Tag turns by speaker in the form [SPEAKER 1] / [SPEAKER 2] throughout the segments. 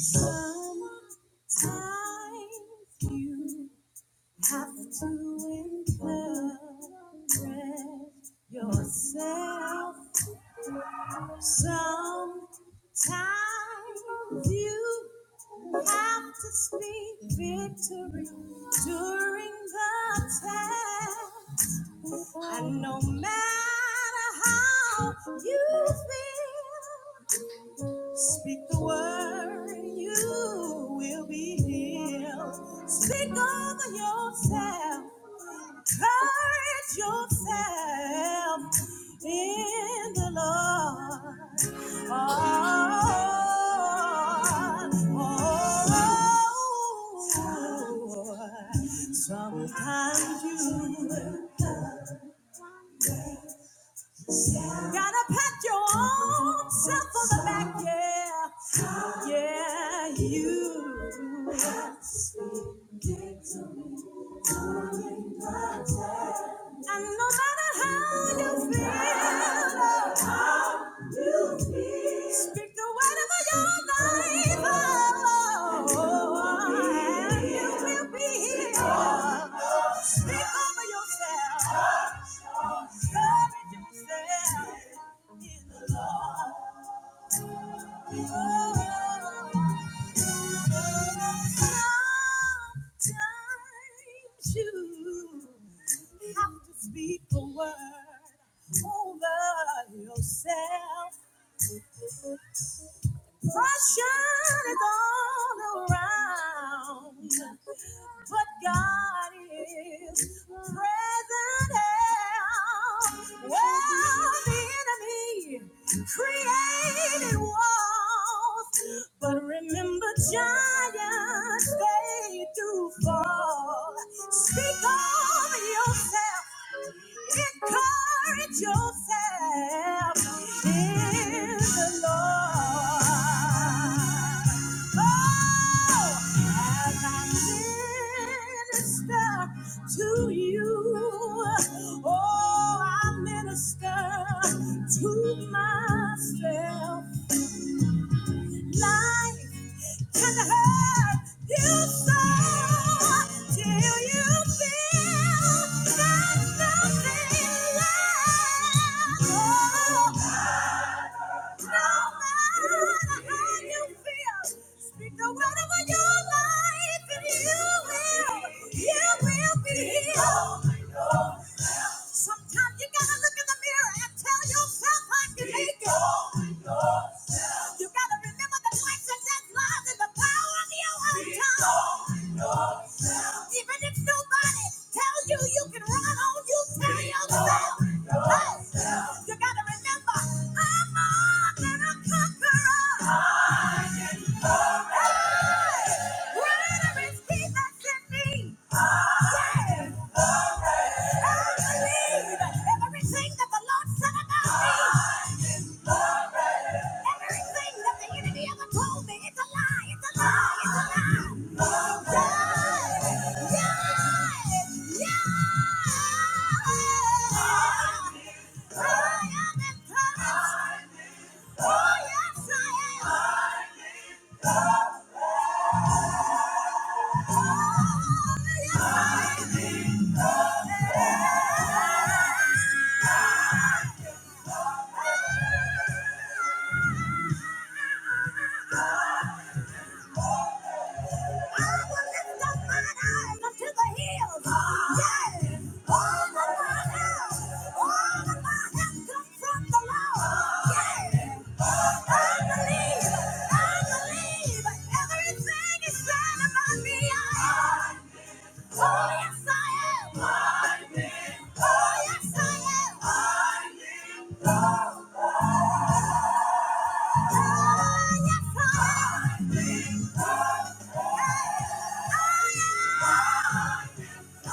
[SPEAKER 1] Sometimes you have to encourage yourself. Sometimes you have to speak victory during the test. And no matter how you feel, Speak the word, you will be healed. Speak over yourself, courage yourself in the Lord. Oh, oh, oh. oh, oh, oh, oh, oh. Sometimes you Gotta pat your own self on the back, yeah. Yeah, you. And no matter how you feel, Speak the word over your life. Oh, and you will be healed. Speak over yourself. Encourage yourself in the Lord. Sometimes you have to speak the word over yourself. Pressure is all around, but God is present help. Well, the enemy created walls, but remember giants they do fall. Speak on love yourself. Encourage yourself in the Lord. Oh, as I minister to you, oh, I minister to myself. Life can hurt you so till you feel that nothing lasts. Oh, no matter how you feel, speak the word over you. Sometimes you gotta look in the mirror and tell yourself I can make it. You gotta remember the life and death lies in the power of your own tongue. Even if nobody tells you you can run on, you tell yourself. Hey, you gotta remember, I'm more than a conqueror. I can Hey, greater is He that's in me. Yeah. I believe everything that the Lord said about me. Everything that the enemy ever told me, it's a lie, it's a lie, it's a lie. Die, die, die. I am encouraged. Oh, yes, I am. Oh, yes, I am. Oh, yes, I am. Oh, yes, I am. I'm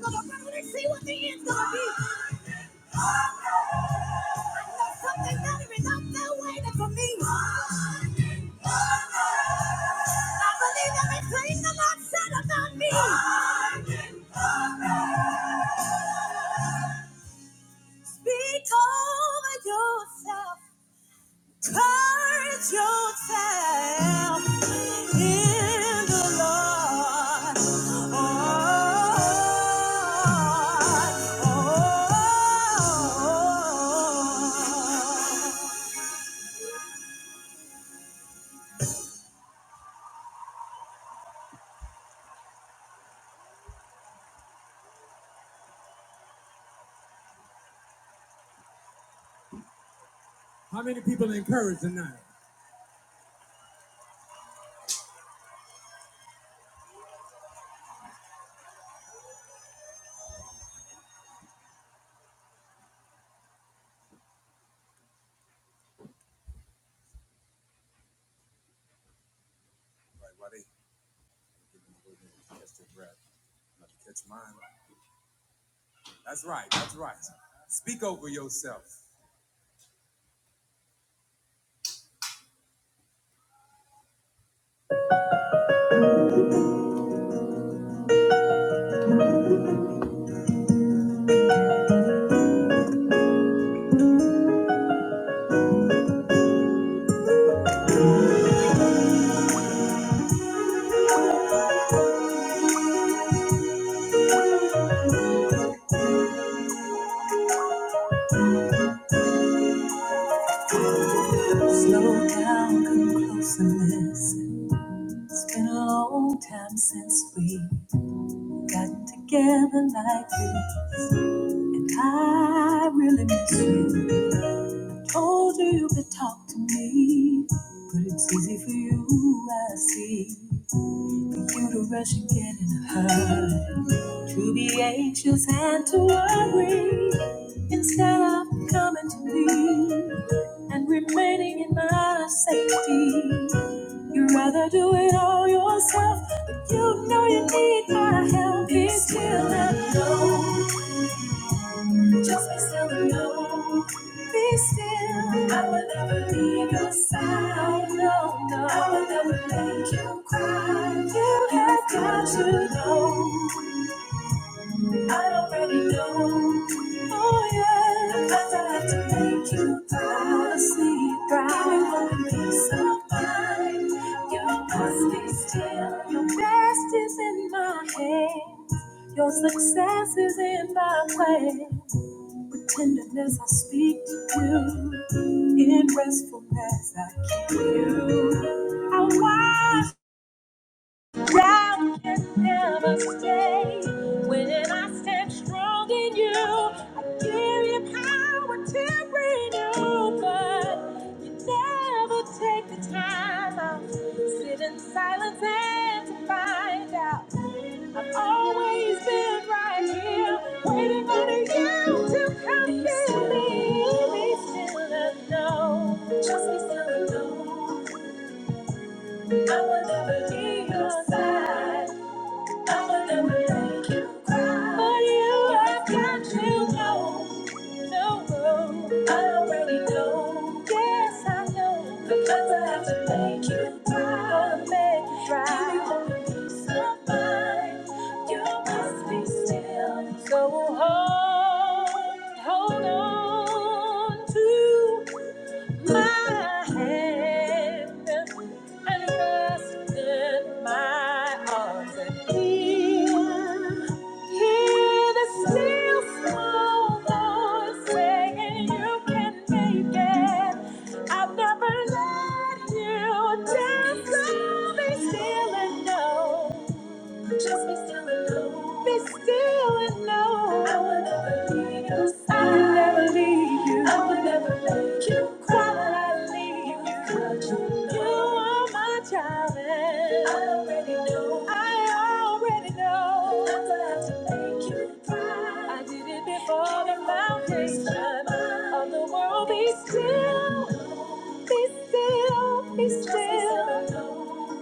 [SPEAKER 1] gonna run and see what the end's gonna be. I know something better is out there waiting for me. I believe everything the Lord said about me. Speak over yourself. Encourage yourself in the Lord. Oh, oh, oh. Slow down, come close and listen. It's been a long time since we got together like this, and I really miss you. Told you you could talk to me, but it's easy for you, I see. You to rush and get in a hurry, to be anxious and to worry instead of coming to me and remaining in my safety. You rather do it all yourself, but you know you need my help. Be still and know. Just be still and know, be still. I will never leave your side, no, no. I will never make you cry. You have got to know, I already know. Oh yeah, because I have to make you proud, sleep proud. Give you hope and peace of mind. You must be still. Your best is in my hand. Your success is in my way. With tenderness I speak to you, in restfulness I keep you. I watch doubt can never stay. When I stand strong in you, I give you power to renew. But you never take the time out. Sit in silence and to find out always been right here, waiting on you to come fill me. Be still and know, just be still alone. I will never be your side. I would never make you cry. But you i have got to know, know, know. I already know. Yes, I know. Because I have to make you cry. Gonna make you cry. Give you all the peace of mind. You must be still. So hold, hold on to my hand and rest in my arms and heal. Hear the still small voice saying you can make it. I've never let you down, so be still and know. Just be still and know. Be still and know. I will never leave you. I will never leave you. I will never let you cry. You are my child, and I already know. I already know. Never have to make you cry. I did it before the foundation of the world. Be still, be still, be still,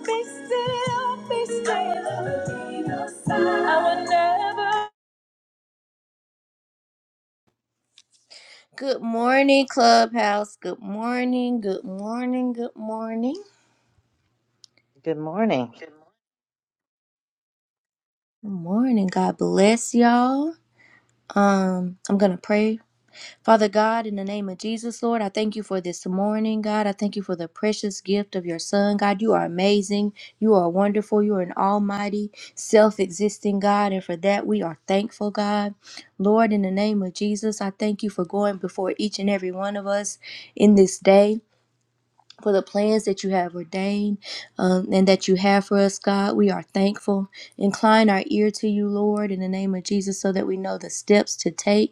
[SPEAKER 1] be still, be still. I will never be no sign. I will never. Good morning, Clubhouse. Good morning, good morning, good morning.
[SPEAKER 2] Good morning.
[SPEAKER 1] Good morning. God bless y'all. Um, I'm going to pray. Father God, in the name of Jesus, Lord, I thank you for this morning, God. I thank you for the precious gift of your son, God. You are amazing. You are wonderful. You are an almighty, self existing God. And for that, we are thankful, God. Lord, in the name of Jesus, I thank you for going before each and every one of us in this day. For the plans that you have ordained um, and that you have for us, God, we are thankful. Incline our ear to you, Lord, in the name of Jesus, so that we know the steps to take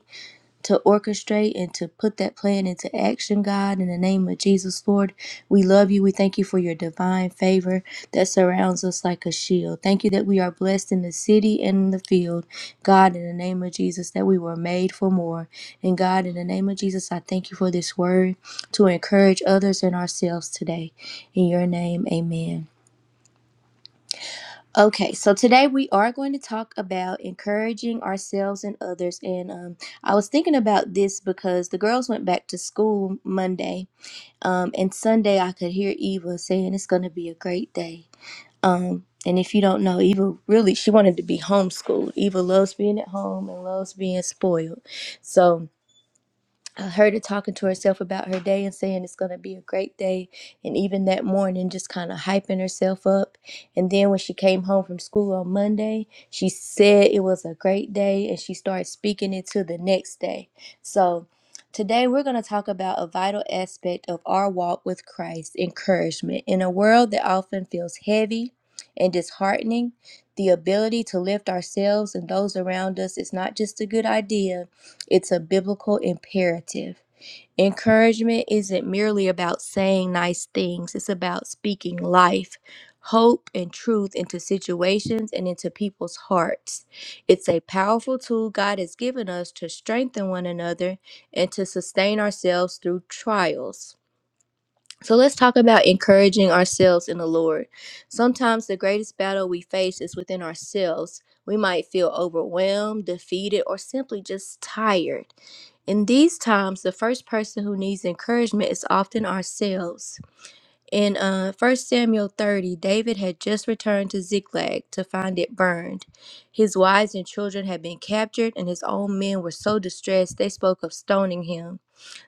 [SPEAKER 1] to orchestrate and to put that plan into action, God, in the name of Jesus, Lord. We love you. We thank you for your divine favor that surrounds us like a shield. Thank you that we are blessed in the city and in the field, God, in the name of Jesus, that we were made for more. And God, in the name of Jesus, I thank you for this word to encourage others and ourselves today. In your name, amen. Okay, so today we are going to talk about encouraging ourselves and others. And um, I was thinking about this because the girls went back to school Monday, um, and Sunday I could hear Eva saying it's going to be a great day. Um, and if you don't know, Eva really she wanted to be homeschooled. Eva loves being at home and loves being spoiled. So I heard her talking to herself about her day and saying it's going to be a great day. And even that morning, just kind of hyping herself up. And then when she came home from school on Monday, she said it was a great day and she started speaking it to the next day. So today we're going to talk about a vital aspect of our walk with Christ encouragement. In a world that often feels heavy and disheartening, the ability to lift ourselves and those around us is not just a good idea it's a biblical imperative. Encouragement isn't merely about saying nice things, it's about speaking life, hope, and truth into situations and into people's hearts. It's a powerful tool God has given us to strengthen one another and to sustain ourselves through trials. So let's talk about encouraging ourselves in the Lord. Sometimes the greatest battle we face is within ourselves. We might feel overwhelmed, defeated, or simply just tired. In these times, the first person who needs encouragement is often ourselves. In uh, 1 Samuel 30, David had just returned to Ziklag to find it burned. His wives and children had been captured, and his own men were so distressed they spoke of stoning him.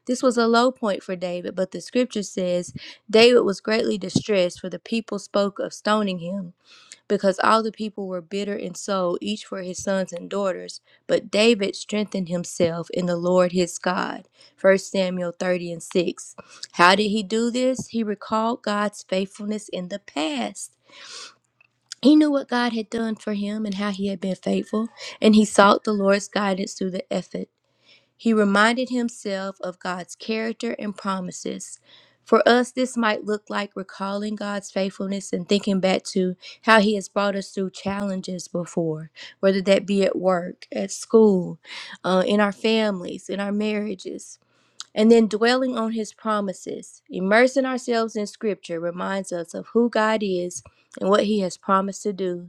[SPEAKER 1] This was a low point for David, but the scripture says David was greatly distressed, for the people spoke of stoning him, because all the people were bitter in soul, each for his sons and daughters. But David strengthened himself in the Lord his God. First Samuel 30 and 6. How did he do this? He recalled God's faithfulness in the past. He knew what God had done for him and how he had been faithful, and he sought the Lord's guidance through the effort. He reminded himself of God's character and promises. For us, this might look like recalling God's faithfulness and thinking back to how He has brought us through challenges before, whether that be at work, at school, uh, in our families, in our marriages. And then dwelling on His promises, immersing ourselves in Scripture reminds us of who God is and what He has promised to do.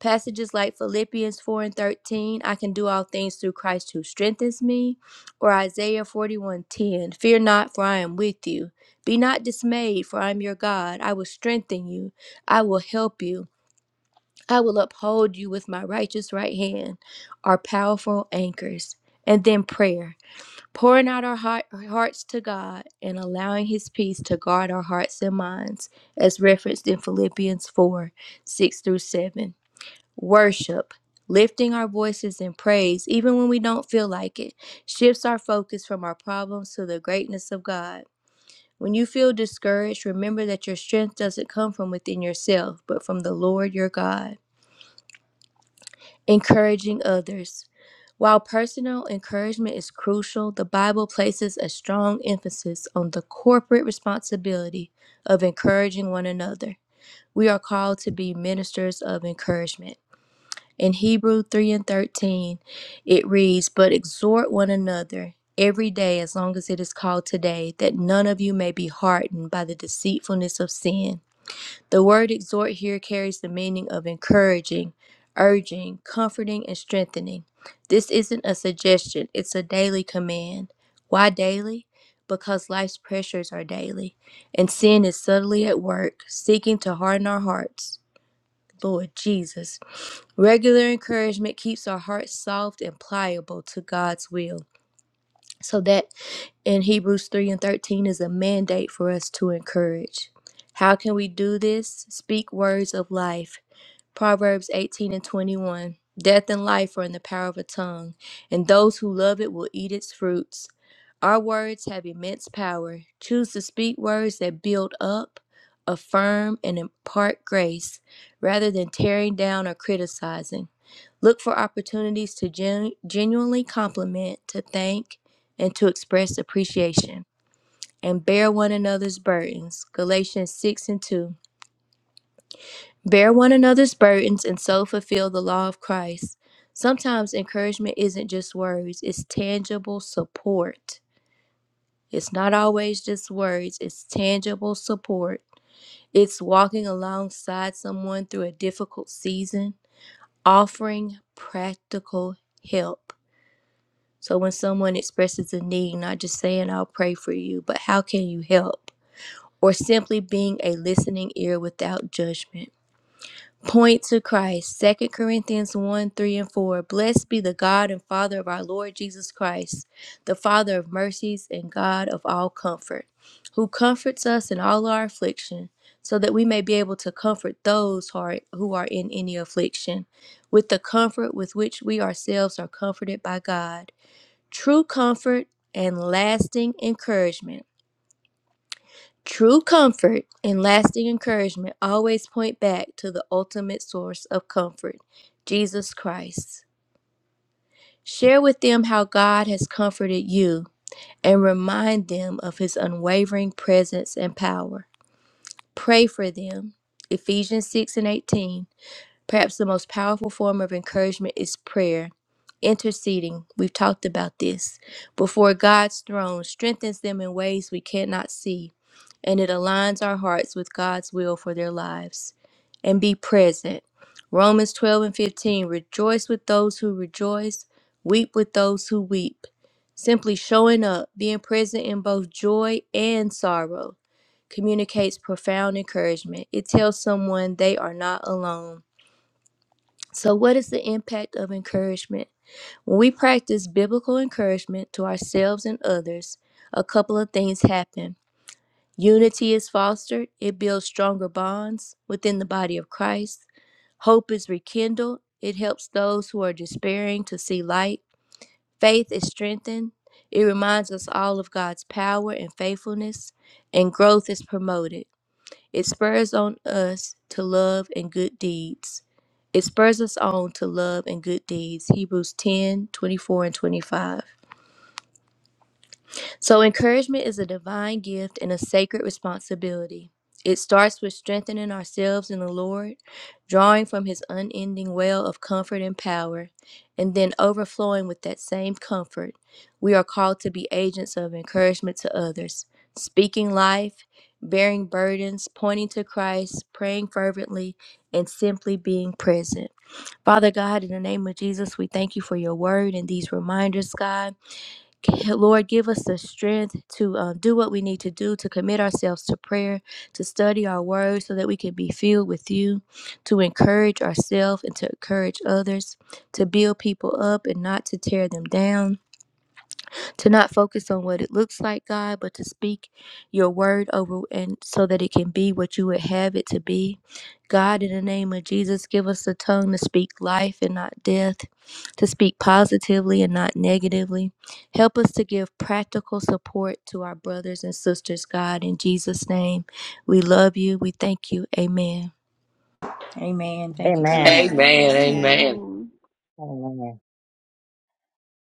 [SPEAKER 1] Passages like Philippians 4 and 13, I can do all things through Christ who strengthens me, or Isaiah 41:10, Fear not, for I am with you. Be not dismayed, for I am your God. I will strengthen you. I will help you. I will uphold you with my righteous right hand, are powerful anchors. And then prayer, pouring out our heart, hearts to God and allowing His peace to guard our hearts and minds, as referenced in Philippians 4 6 through 7. Worship, lifting our voices in praise, even when we don't feel like it, shifts our focus from our problems to the greatness of God. When you feel discouraged, remember that your strength doesn't come from within yourself, but from the Lord your God. Encouraging others. While personal encouragement is crucial, the Bible places a strong emphasis on the corporate responsibility of encouraging one another. We are called to be ministers of encouragement. In Hebrew 3 and 13, it reads, But exhort one another every day as long as it is called today, that none of you may be hardened by the deceitfulness of sin. The word exhort here carries the meaning of encouraging, urging, comforting, and strengthening. This isn't a suggestion, it's a daily command. Why daily? Because life's pressures are daily, and sin is subtly at work, seeking to harden our hearts. Lord Jesus. Regular encouragement keeps our hearts soft and pliable to God's will. So that in Hebrews 3 and 13 is a mandate for us to encourage. How can we do this? Speak words of life Proverbs 18 and 21. Death and life are in the power of a tongue, and those who love it will eat its fruits. Our words have immense power. Choose to speak words that build up, affirm, and impart grace rather than tearing down or criticizing. Look for opportunities to gen- genuinely compliment, to thank, and to express appreciation. And bear one another's burdens. Galatians 6 and 2. Bear one another's burdens and so fulfill the law of Christ. Sometimes encouragement isn't just words, it's tangible support. It's not always just words, it's tangible support. It's walking alongside someone through a difficult season, offering practical help. So when someone expresses a need, not just saying, I'll pray for you, but how can you help? Or simply being a listening ear without judgment. Point to Christ. Second Corinthians 1 3 and 4. Blessed be the God and Father of our Lord Jesus Christ, the Father of mercies and God of all comfort, who comforts us in all our affliction, so that we may be able to comfort those who are, who are in any affliction, with the comfort with which we ourselves are comforted by God. True comfort and lasting encouragement True comfort and lasting encouragement always point back to the ultimate source of comfort, Jesus Christ. Share with them how God has comforted you and remind them of his unwavering presence and power. Pray for them. Ephesians 6 and 18. Perhaps the most powerful form of encouragement is prayer. Interceding, we've talked about this, before God's throne strengthens them in ways we cannot see and it aligns our hearts with God's will for their lives. And be present. Romans 12 and 15 Rejoice with those who rejoice, weep with those who weep. Simply showing up, being present in both joy and sorrow, communicates profound encouragement. It tells someone they are not alone. So, what is the impact of encouragement? When we practice biblical encouragement to ourselves and others, a couple of things happen. Unity is fostered, it builds stronger bonds within the body of Christ. Hope is rekindled, it helps those who are despairing to see light. Faith is strengthened, it reminds us all of God's power and faithfulness, and growth is promoted. It spurs on us to love and good deeds. It spurs us on to love and good deeds. Hebrews 10:24 and 25. So, encouragement is a divine gift and a sacred responsibility. It starts with strengthening ourselves in the Lord, drawing from His unending well of comfort and power, and then overflowing with that same comfort. We are called to be agents of encouragement to others, speaking life, bearing burdens, pointing to Christ, praying fervently, and simply being present. Father God, in the name of Jesus, we thank you for your word and these reminders, God. Lord, give us the strength to uh, do what we need to do, to commit ourselves to prayer, to study our word so that we can be filled with you, to encourage ourselves and to encourage others, to build people up and not to tear them down to not focus on what it looks like, God, but to speak your word over and so that it can be what you would have it to be. God, in the name of Jesus, give us the tongue to speak life and not death, to speak positively and not negatively. Help us to give practical support to our brothers and sisters, God, in Jesus' name. We love you. We thank you. Amen.
[SPEAKER 3] Amen. Thank you,
[SPEAKER 2] Amen.
[SPEAKER 3] Jesus.
[SPEAKER 4] Amen.
[SPEAKER 5] Amen.
[SPEAKER 4] Amen.
[SPEAKER 6] Amen. Amen.
[SPEAKER 2] Amen.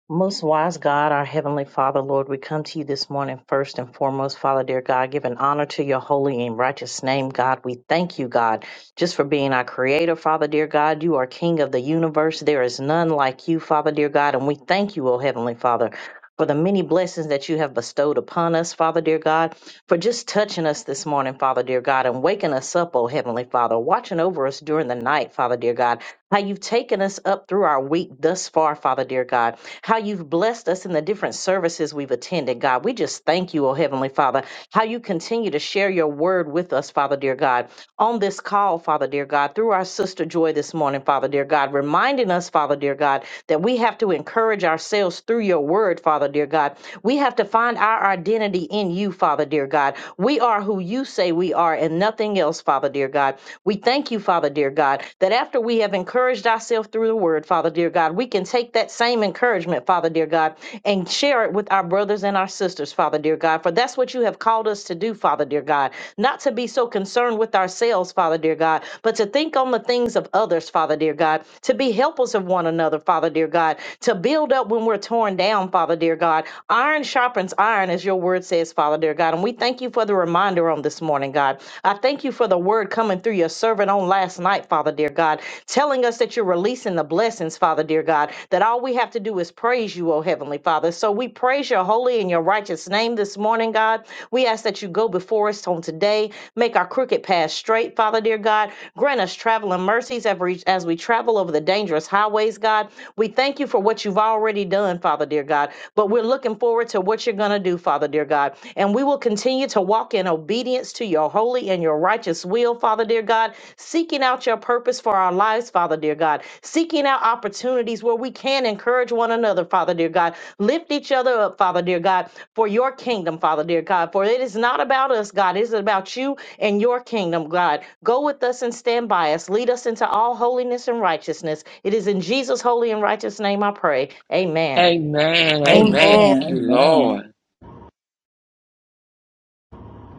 [SPEAKER 2] Most wise God, our Heavenly Father, Lord, we come to you this morning first and foremost, Father, dear God, giving honor to your holy and righteous name, God. We thank you, God, just for being our creator, Father, dear God. You are King of the universe. There is none like you, Father, dear God. And we thank you, O Heavenly Father. For the many blessings that you have bestowed upon us, Father dear God, for just touching us this morning, Father dear God, and waking us up, O Heavenly Father, watching over us during the night, Father dear God, how you've taken us up through our week thus far, Father dear God how you've blessed us in the different services we've attended, God. We just thank you, oh Heavenly Father, how you continue to share your word with us, Father, dear God on this call, Father dear God, through our sister Joy this morning, Father dear God, reminding us, Father dear God, that we have to encourage ourselves through your word, Father dear God. We have to find our identity in you, Father dear God. We are who you say we are and nothing else, Father dear God. We thank you, Father dear God, that after we have encouraged ourselves through the word, Father dear God, we can take that same encouragement, Father dear God, and share it with our brothers and our sisters, Father dear God. For that's what you have called us to do, Father dear God, not to be so concerned with concerned with ourselves, Father dear God, but to think on the things of others, Father dear God, to be helpers of one another, Father dear God, to build up when we're torn down, Father dear God. Iron sharpens iron, as your word says, Father dear God. And we thank you for the reminder on this morning, God. I thank you for the word coming through your servant on last night, Father dear God, telling us that you're releasing the blessings, Father dear God, that all we have to do is praise you, O Heavenly Father. So we praise your holy and your righteous name this morning, God. We ask that you go before us on today, make our our crooked path straight, Father dear God. Grant us traveling mercies as we as we travel over the dangerous highways, God. We thank you for what you've already done, Father dear God. But we're looking forward to what you're going to do, Father dear God. And we will continue to walk in obedience to your holy and your righteous will, Father dear God, seeking out your purpose for our lives, Father dear God, seeking out opportunities where we can encourage one another, Father dear God. Lift each other up, Father dear God, for your kingdom, Father dear God. For it is not about us, God. It is about you and your kingdom, God. Go with us and stand by us. Lead us into all holiness and righteousness. It is in Jesus' holy and righteous name I pray. Amen.
[SPEAKER 4] Amen. Amen. Thank
[SPEAKER 1] Amen.
[SPEAKER 3] Amen.
[SPEAKER 4] you,
[SPEAKER 3] Amen.
[SPEAKER 4] Lord.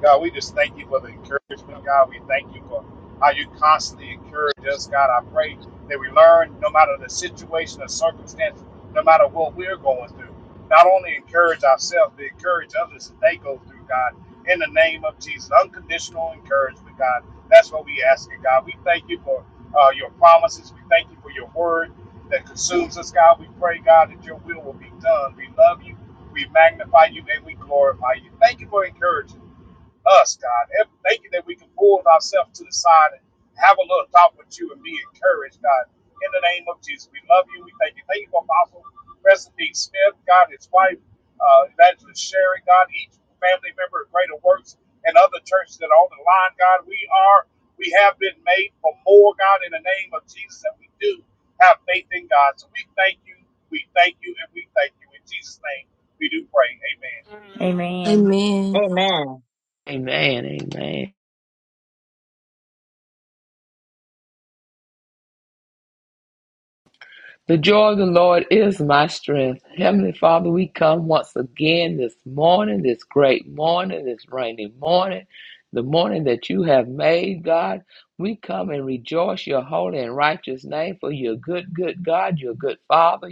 [SPEAKER 7] God, we just thank you for the encouragement, God. We thank you for how you constantly encourage us, God. I pray that we learn, no matter the situation or circumstance, no matter what we're going through, not only encourage ourselves, but encourage others that they go through, God. In the name of Jesus, unconditional encouragement, God. That's what we ask you, God. We thank you for uh, your promises. We thank you for your word that consumes us, God. We pray, God, that your will will be done. We love you. We magnify you and we glorify you. Thank you for encouraging us, God. And Thank you that we can pull ourselves to the side and have a little talk with you and be encouraged, God. In the name of Jesus, we love you. We thank you. Thank you for Apostle President Dean Smith, God, his wife, uh, Evangelist Sherry, God, each family member of Greater Works and other churches that are on the line, God. We are, we have been made for more, God, in the name of Jesus, and we do have faith in God. So we thank you, we thank you, and we thank you. In Jesus' name, we do pray. Amen.
[SPEAKER 3] Amen.
[SPEAKER 1] Amen.
[SPEAKER 2] Amen.
[SPEAKER 4] Amen. Amen. The joy of the Lord is my strength. Heavenly Father, we come once again this morning, this great morning, this rainy morning, the morning that you have made, God. We come and rejoice your holy and righteous name for you're a good, good God. You're a good Father.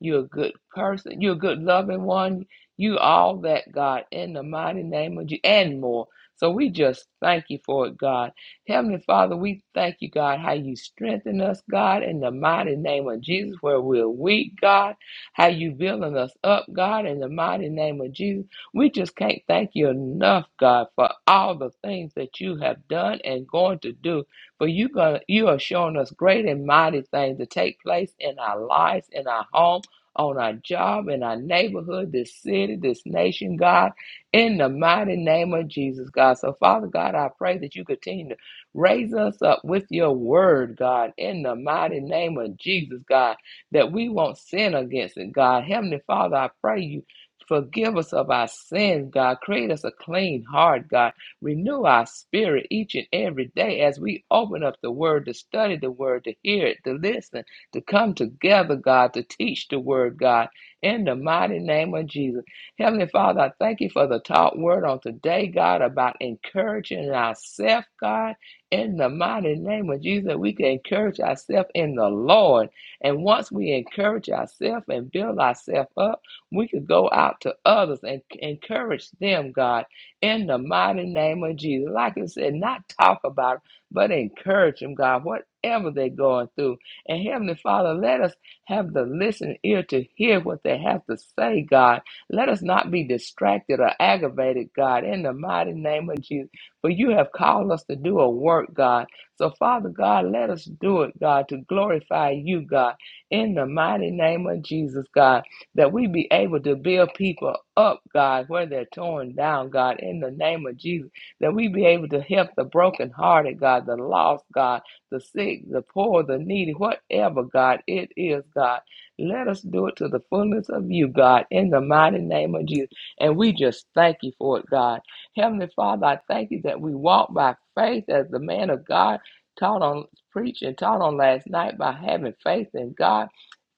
[SPEAKER 4] You're a good person. You're a good loving one. You all that, God, in the mighty name of you and more. So we just thank you for it, God. Heavenly Father, we thank you, God, how you strengthen us, God, in the mighty name of Jesus, where we're weak, God, how you building us up, God, in the mighty name of Jesus. We just can't thank you enough, God, for all the things that you have done and going to do. For you gonna you are showing us great and mighty things to take place in our lives, in our home, on our job, in our neighborhood, this city, this nation, God, in the mighty name of Jesus, God. So Father God, I pray that you continue to Raise us up with your word, God, in the mighty name of Jesus, God, that we won't sin against it, God. Heavenly Father, I pray you. Forgive us of our sins, God. Create us a clean heart, God. Renew our spirit each and every day as we open up the Word to study the Word, to hear it, to listen, to come together, God, to teach the Word, God, in the mighty name of Jesus. Heavenly Father, I thank you for the taught Word on today, God, about encouraging ourselves, God in the mighty name of Jesus, we can encourage ourselves in the Lord. And once we encourage ourselves and build ourselves up, we can go out to others and encourage them, God, in the mighty name of Jesus. Like I said, not talk about it, but encourage them, God, whatever they're going through. And Heavenly Father, let us have the listening ear to hear what they have to say, God. Let us not be distracted or aggravated, God, in the mighty name of Jesus. For you have called us to do a work, God. So, Father God, let us do it, God, to glorify you, God, in the mighty name of Jesus, God, that we be able to build people up, God, where they're torn down, God, in the name of Jesus, that we be able to help the brokenhearted, God, the lost, God, the sick, the poor, the needy, whatever, God, it is, God. Let us do it to the fullness of you, God, in the mighty name of Jesus. And we just thank you for it, God. Heavenly Father, I thank you that we walk by faith as the man of God taught on preached and taught on last night by having faith in God.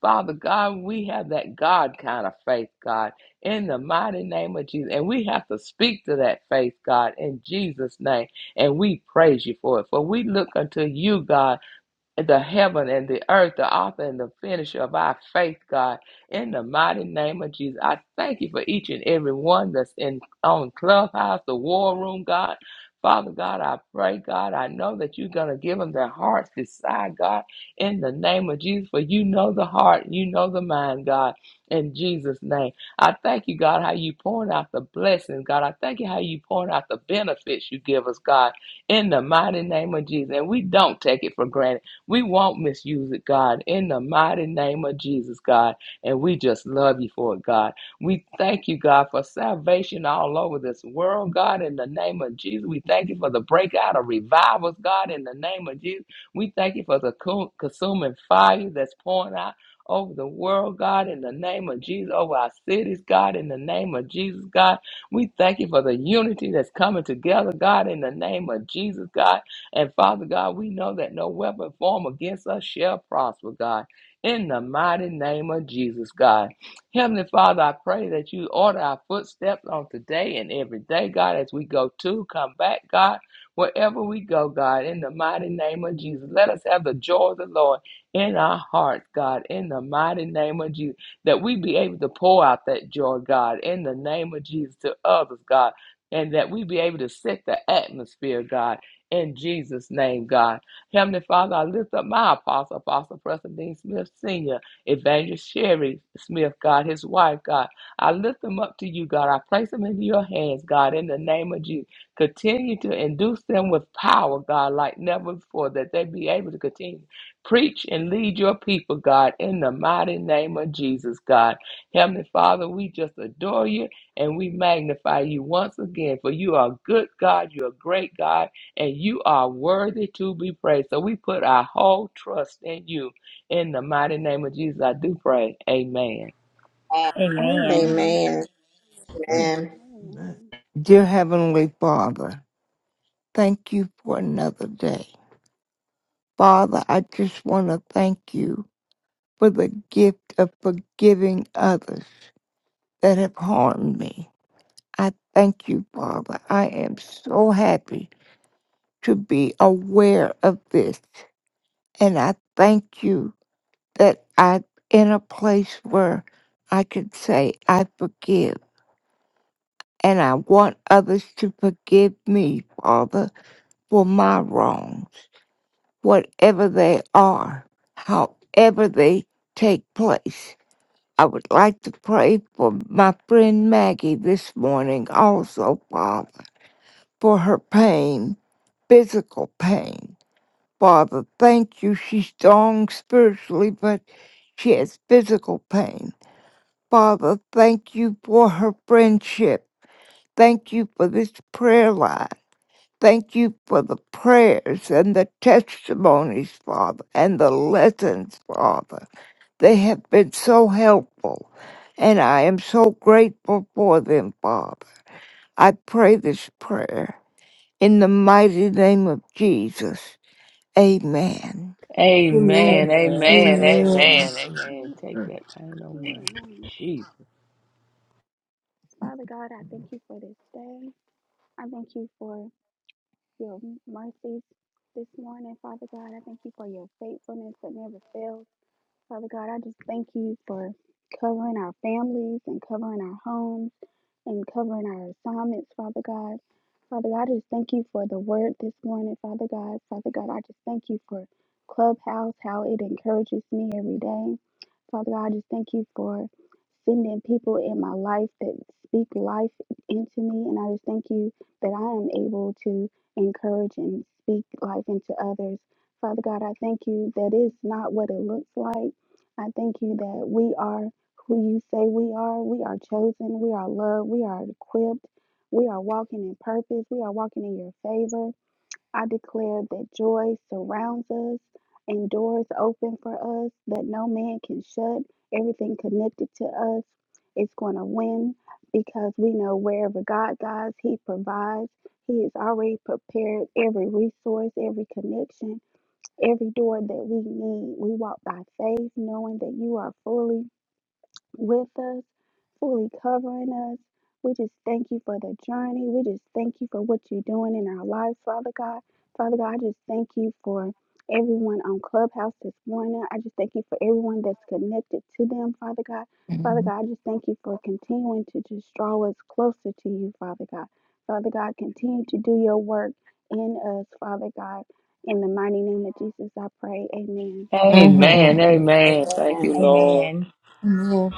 [SPEAKER 4] Father God, we have that God kind of faith, God, in the mighty name of Jesus. And we have to speak to that faith, God, in Jesus' name. And we praise you for it. For we look unto you, God, the heaven and the earth, the author and the finisher of our faith, God. In the mighty name of Jesus, I thank you for each and every one that's in on Clubhouse, the War Room, God. Father God, I pray, God, I know that you're going to give them their hearts decide, God, in the name of Jesus, for you know the heart, you know the mind, God, in Jesus' name. I thank you, God, how you pouring out the blessings, God. I thank you how you pouring out the benefits you give us, God, in the mighty name of Jesus. And we don't take it for granted. We won't misuse it, God, in the mighty name of Jesus, God. And we just love you for it, God. We thank you, God, for salvation all over this world, God, in the name of Jesus. We thank you for the breakout of revivals, God, in the name of Jesus. We thank you for the co- consuming fire that's pouring out over the world, God, in the name of Jesus, over our cities, God, in the name of Jesus, God. We thank you for the unity that's coming together, God, in the name of Jesus, God. And Father God, we know that no weapon formed against us shall prosper, God. In the mighty name of Jesus, God. Heavenly Father, I pray that you order our footsteps on today and every day, God, as we go to, come back, God, wherever we go, God, in the mighty name of Jesus. Let us have the joy of the Lord in our hearts, God, in the mighty name of Jesus, that we be able to pour out that joy, God, in the name of Jesus to others, God, and that we be able to set the atmosphere, God in Jesus' name, God. Heavenly Father, I lift up my apostle, Apostle Preston Dean Smith Sr., Evangelist Sherry Smith, God, his wife, God. I lift them up to you, God. I place them into your hands, God, in the name of Jesus. Continue to induce them with power, God, like never before, that they be able to continue. Preach and lead your people, God, in the mighty name of Jesus, God. Heavenly Father, we just adore you and we magnify you once again, for you are a good God, you're a great God and you are worthy to be praised. So we put our whole trust in you. In the mighty name of Jesus, I do pray. Amen.
[SPEAKER 5] Amen.
[SPEAKER 3] Amen.
[SPEAKER 6] Amen.
[SPEAKER 5] Amen.
[SPEAKER 8] Amen. Amen.
[SPEAKER 6] Amen.
[SPEAKER 8] Dear Heavenly Father, thank you for another day. Father, I just want to thank you for the gift of forgiving others that have harmed me. I thank you, Father. I am so happy to be aware of this. And I thank you that I'm in a place where I can say, I forgive. And I want others to forgive me, Father for my wrongs, whatever they are, however they take place. I would like to pray for my friend Maggie this morning, also, Father, for her pain, physical pain. Father, thank you. She's strong spiritually, but she has physical pain. Father, thank you for her friendship. Thank you for this prayer line. Thank you for the prayers and the testimonies, Father, and the lessons, Father. They have been so helpful, and I am so grateful for them, Father. I pray this prayer in the mighty name of Jesus. Amen.
[SPEAKER 1] Amen.
[SPEAKER 4] Amen.
[SPEAKER 3] Amen.
[SPEAKER 4] Amen.
[SPEAKER 3] Amen.
[SPEAKER 1] Amen.
[SPEAKER 4] Amen. Amen.
[SPEAKER 6] Am-
[SPEAKER 4] Take that pain away.
[SPEAKER 6] Amen.
[SPEAKER 4] Jesus.
[SPEAKER 6] Father God, I thank you for this day. I thank you for your mercies this morning, Father God. I thank you for your faithfulness that never fails. Father God, I just thank you for covering our families and covering our homes and covering our assignments, Father God. Father God, I just thank you for the word this morning, Father God. Father God, I just thank you for Clubhouse, how it encourages me every day. Father God, I just thank you for sending people in my life that speak life into me. And I just thank you that I am able to encourage and speak life into others. Father God, I thank you that it's not what it looks like. I thank you that we are who you say we are. We are chosen. We are loved. We are equipped. We are walking in purpose. We are walking in your favor. I declare that joy surrounds us and doors open for us that no man can shut. Everything connected to us is going to win because we know wherever God guides, He provides. He has already prepared every resource, every connection every door that we need. We walk by faith, knowing that you are fully with us, fully covering us. We just thank you for the journey. We just thank you for what you're doing in our lives, Father God. Father God, I just thank you for everyone on Clubhouse this morning. I just thank you for everyone that's connected to them, Father God. Father God, I just thank you for continuing to just draw us closer to you, Father God. Father God, continue to do your work in us, Father God. In the mighty name of Jesus, I pray. Amen.
[SPEAKER 4] Amen.
[SPEAKER 8] Mm-hmm.
[SPEAKER 4] Amen. Thank you, Lord.
[SPEAKER 3] Amen.
[SPEAKER 1] Amen.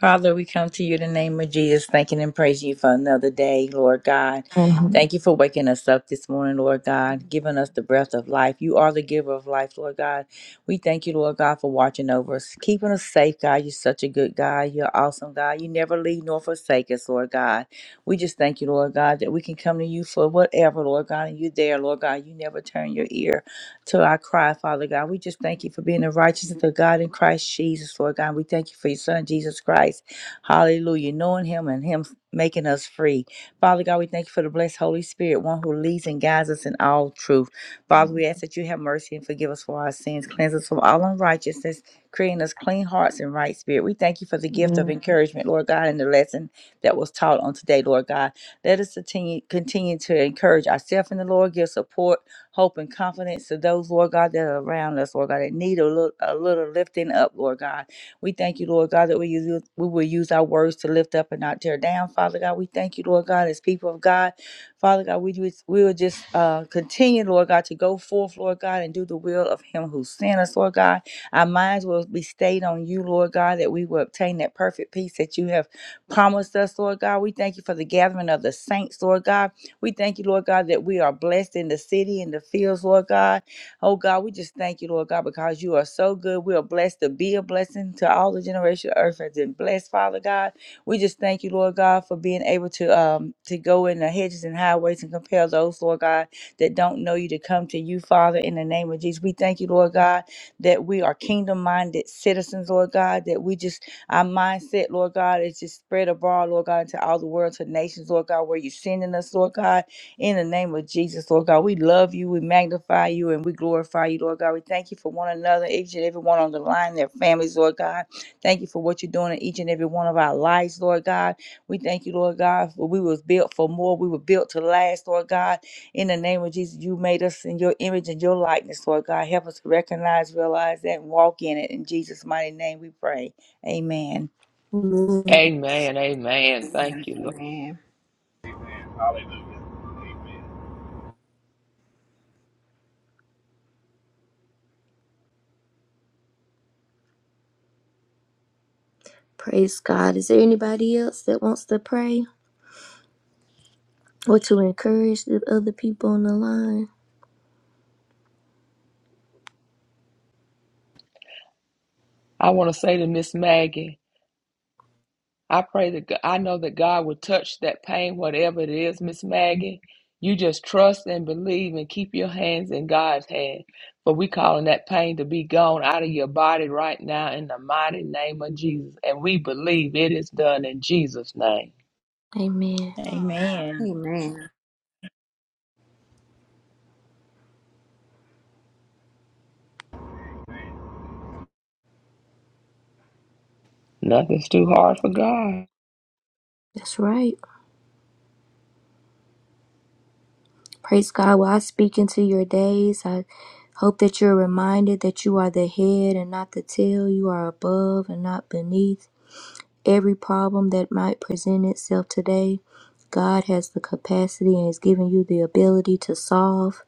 [SPEAKER 3] Father, we come to you in the name of Jesus, thanking and praising you for another day, Lord God. Thank you for waking us up this morning, Lord God, giving us the breath of life. You are the giver of life, Lord God. We thank you, Lord God, for watching over us, keeping us safe, God. You're such a good God. You're awesome, God. You never leave nor forsake us, Lord God. We just thank you, Lord God, that we can come to you for whatever, Lord God, and you're there, Lord God. You never turn your ear to our cry, Father God. We just thank you for being the righteousness of God in Christ Jesus, Lord God. We thank you for your Son, Jesus Christ. Hallelujah. Knowing Him and Him making us free. Father God, we thank you for the blessed Holy Spirit, one who leads and guides us in all truth. Father, we ask that you have mercy and forgive us for our sins, cleanse us from all unrighteousness, creating us clean hearts and right spirit. We thank you for the gift of
[SPEAKER 8] Mm-hmm.
[SPEAKER 3] encouragement, Lord God, and the lesson that was taught on today, Lord God. Let us continue, continue to encourage ourselves in the Lord, give support hope and confidence to those, Lord God, that are around us, Lord God, that need a little, a little lifting up, Lord God. We thank you, Lord God, that we use we will use our words to lift up and not tear down, Father God. We thank you, Lord God, as people of God, Father God, we just, we will just uh, continue, Lord God, to go forth, Lord God, and do the will of Him who sent us, Lord God. Our minds will be stayed on You, Lord God, that we will obtain that perfect peace that You have promised us, Lord God. We thank You for the gathering of the saints, Lord God. We thank you, Lord God, that we are blessed in the city and the fields, Lord God. Oh God, we just thank you, Lord God, because you are so good. We are blessed to be a blessing to all the generation of earth has been blessed, Father God. We just thank you, Lord God, for being able to um to go in the hedges and highways and compel those, Lord God, that don't know you to come to you, Father, in the name of Jesus. We thank you, Lord God, that we are kingdom minded citizens, Lord God, that we just our mindset, Lord God, is just spread abroad, Lord God, into all the world, to nations, Lord God, where you're sending us, Lord God. In the name of Jesus, Lord God, we love you, we magnify you, and we glorify you, Lord God. We thank you for one another, each and every one on the line, their families, Lord God. Thank you for what you're doing in each and every one of our lives, Lord God. We thank you, Lord God, for we was built for more. We were built to last, Lord God. In the name of Jesus, you made us in your image and your likeness, Lord God. Help us to recognize, realize that, and walk in it. In Jesus' mighty name we pray. Amen.
[SPEAKER 1] Amen.
[SPEAKER 4] Amen. Amen. Thank
[SPEAKER 5] Amen.
[SPEAKER 4] you, Lord.
[SPEAKER 5] Amen.
[SPEAKER 7] Hallelujah.
[SPEAKER 1] Praise God. Is there anybody else that wants to pray or to encourage the other people on the line?
[SPEAKER 4] I want to say to Miss Maggie, I pray that Go- I know that God will touch that pain, whatever it is, Miss Maggie. You just trust and believe and keep your hands in God's hand. For we calling that pain to be gone out of your body right now in the mighty name of Jesus. And we believe it is done in Jesus' name.
[SPEAKER 1] Amen.
[SPEAKER 3] Amen.
[SPEAKER 5] Amen.
[SPEAKER 4] Nothing's too hard for God.
[SPEAKER 1] That's right. Praise God. While I speak into your days, I hope that you're reminded that you are the head and not the tail. You are above and not beneath. Every problem that might present itself today, God has the capacity and has given you the ability to solve.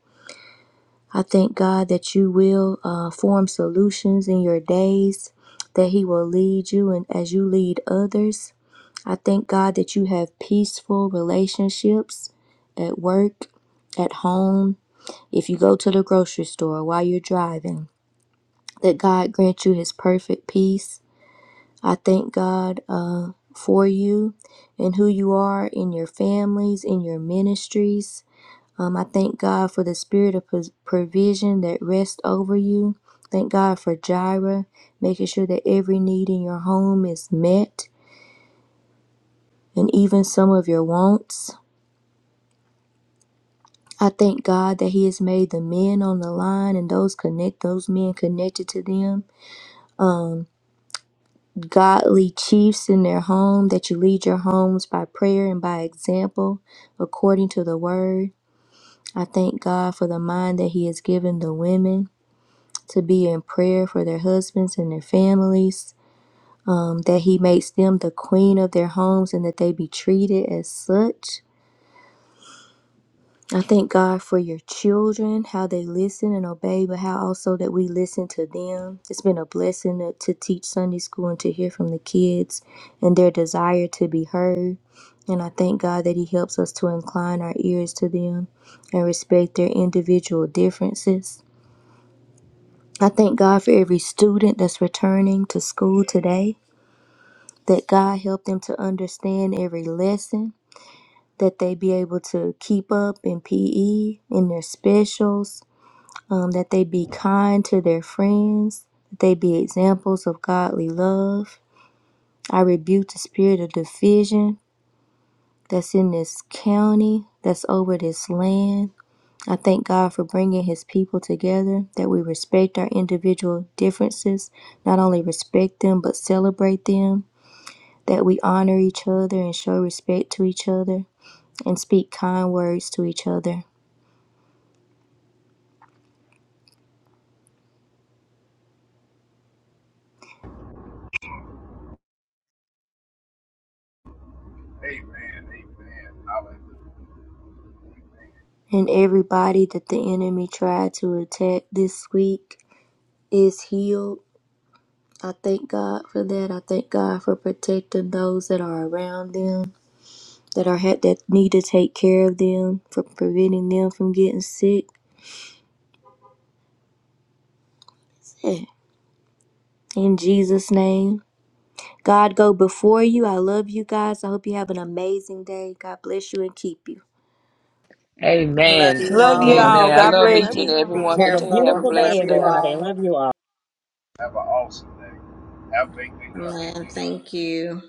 [SPEAKER 1] I thank God that you will uh, form solutions in your days, that He will lead you and as you lead others. I thank God that you have peaceful relationships at work, at home, if you go to the grocery store while you're driving, that God grant you His perfect peace. I thank God uh, for you and who you are in your families, in your ministries. Um, I thank God for the spirit of pos- provision that rests over you. Thank God for Jireh, making sure that every need in your home is met and even some of your wants. I thank God that He has made the men on the line and those connect those men connected to them godly chiefs in their home, that you lead your homes by prayer and by example according to the word. I thank God for the mind that He has given the women. to be in prayer for their husbands and their families, um, that He makes them the queen of their homes and that they be treated as such. I thank God for your children, how they listen and obey, but how also that we listen to them. It's been a blessing to, to teach Sunday school and to hear from the kids and their desire to be heard. And I thank God that He helps us to incline our ears to them and respect their individual differences. I thank God for every student that's returning to school today, that God help them to understand every lesson, that they be able to keep up in PE, in their specials, um, that they be kind to their friends, that they be examples of godly love. I rebuke the spirit of division that's in this county, that's over this land. I thank God for bringing His people together, that we respect our individual differences, not only respect them, but celebrate them, that we honor each other and show respect to each other and speak kind words to each other.
[SPEAKER 7] Amen. Amen. Hallelujah.
[SPEAKER 1] And everybody that the enemy tried to attack this week is healed. I thank God for that. I thank God for protecting those that are around them, that are that need to take care of them, for preventing them from getting sick. Yeah. In Jesus' name. God go before you. I love you guys. I hope you have an amazing day. God bless you and keep you.
[SPEAKER 5] Love you
[SPEAKER 4] Amen.
[SPEAKER 3] Love you
[SPEAKER 5] all.
[SPEAKER 2] Amen.
[SPEAKER 5] Have
[SPEAKER 3] all.
[SPEAKER 4] Amen.
[SPEAKER 5] a
[SPEAKER 4] I
[SPEAKER 5] good
[SPEAKER 3] God
[SPEAKER 6] Amen. I
[SPEAKER 4] love
[SPEAKER 3] bless
[SPEAKER 5] day.
[SPEAKER 6] love
[SPEAKER 4] each and
[SPEAKER 3] you.
[SPEAKER 6] you
[SPEAKER 4] every
[SPEAKER 5] Be
[SPEAKER 4] one.
[SPEAKER 6] all.
[SPEAKER 2] Have a
[SPEAKER 4] Continue to have a
[SPEAKER 5] careful.
[SPEAKER 2] beautiful
[SPEAKER 6] Amen.
[SPEAKER 5] Love
[SPEAKER 2] day,
[SPEAKER 4] blessed
[SPEAKER 5] you
[SPEAKER 4] day.
[SPEAKER 2] everybody. I
[SPEAKER 5] all.
[SPEAKER 2] love you all.
[SPEAKER 7] Have an awesome day. Have faith in God.
[SPEAKER 5] Amen. Thank you.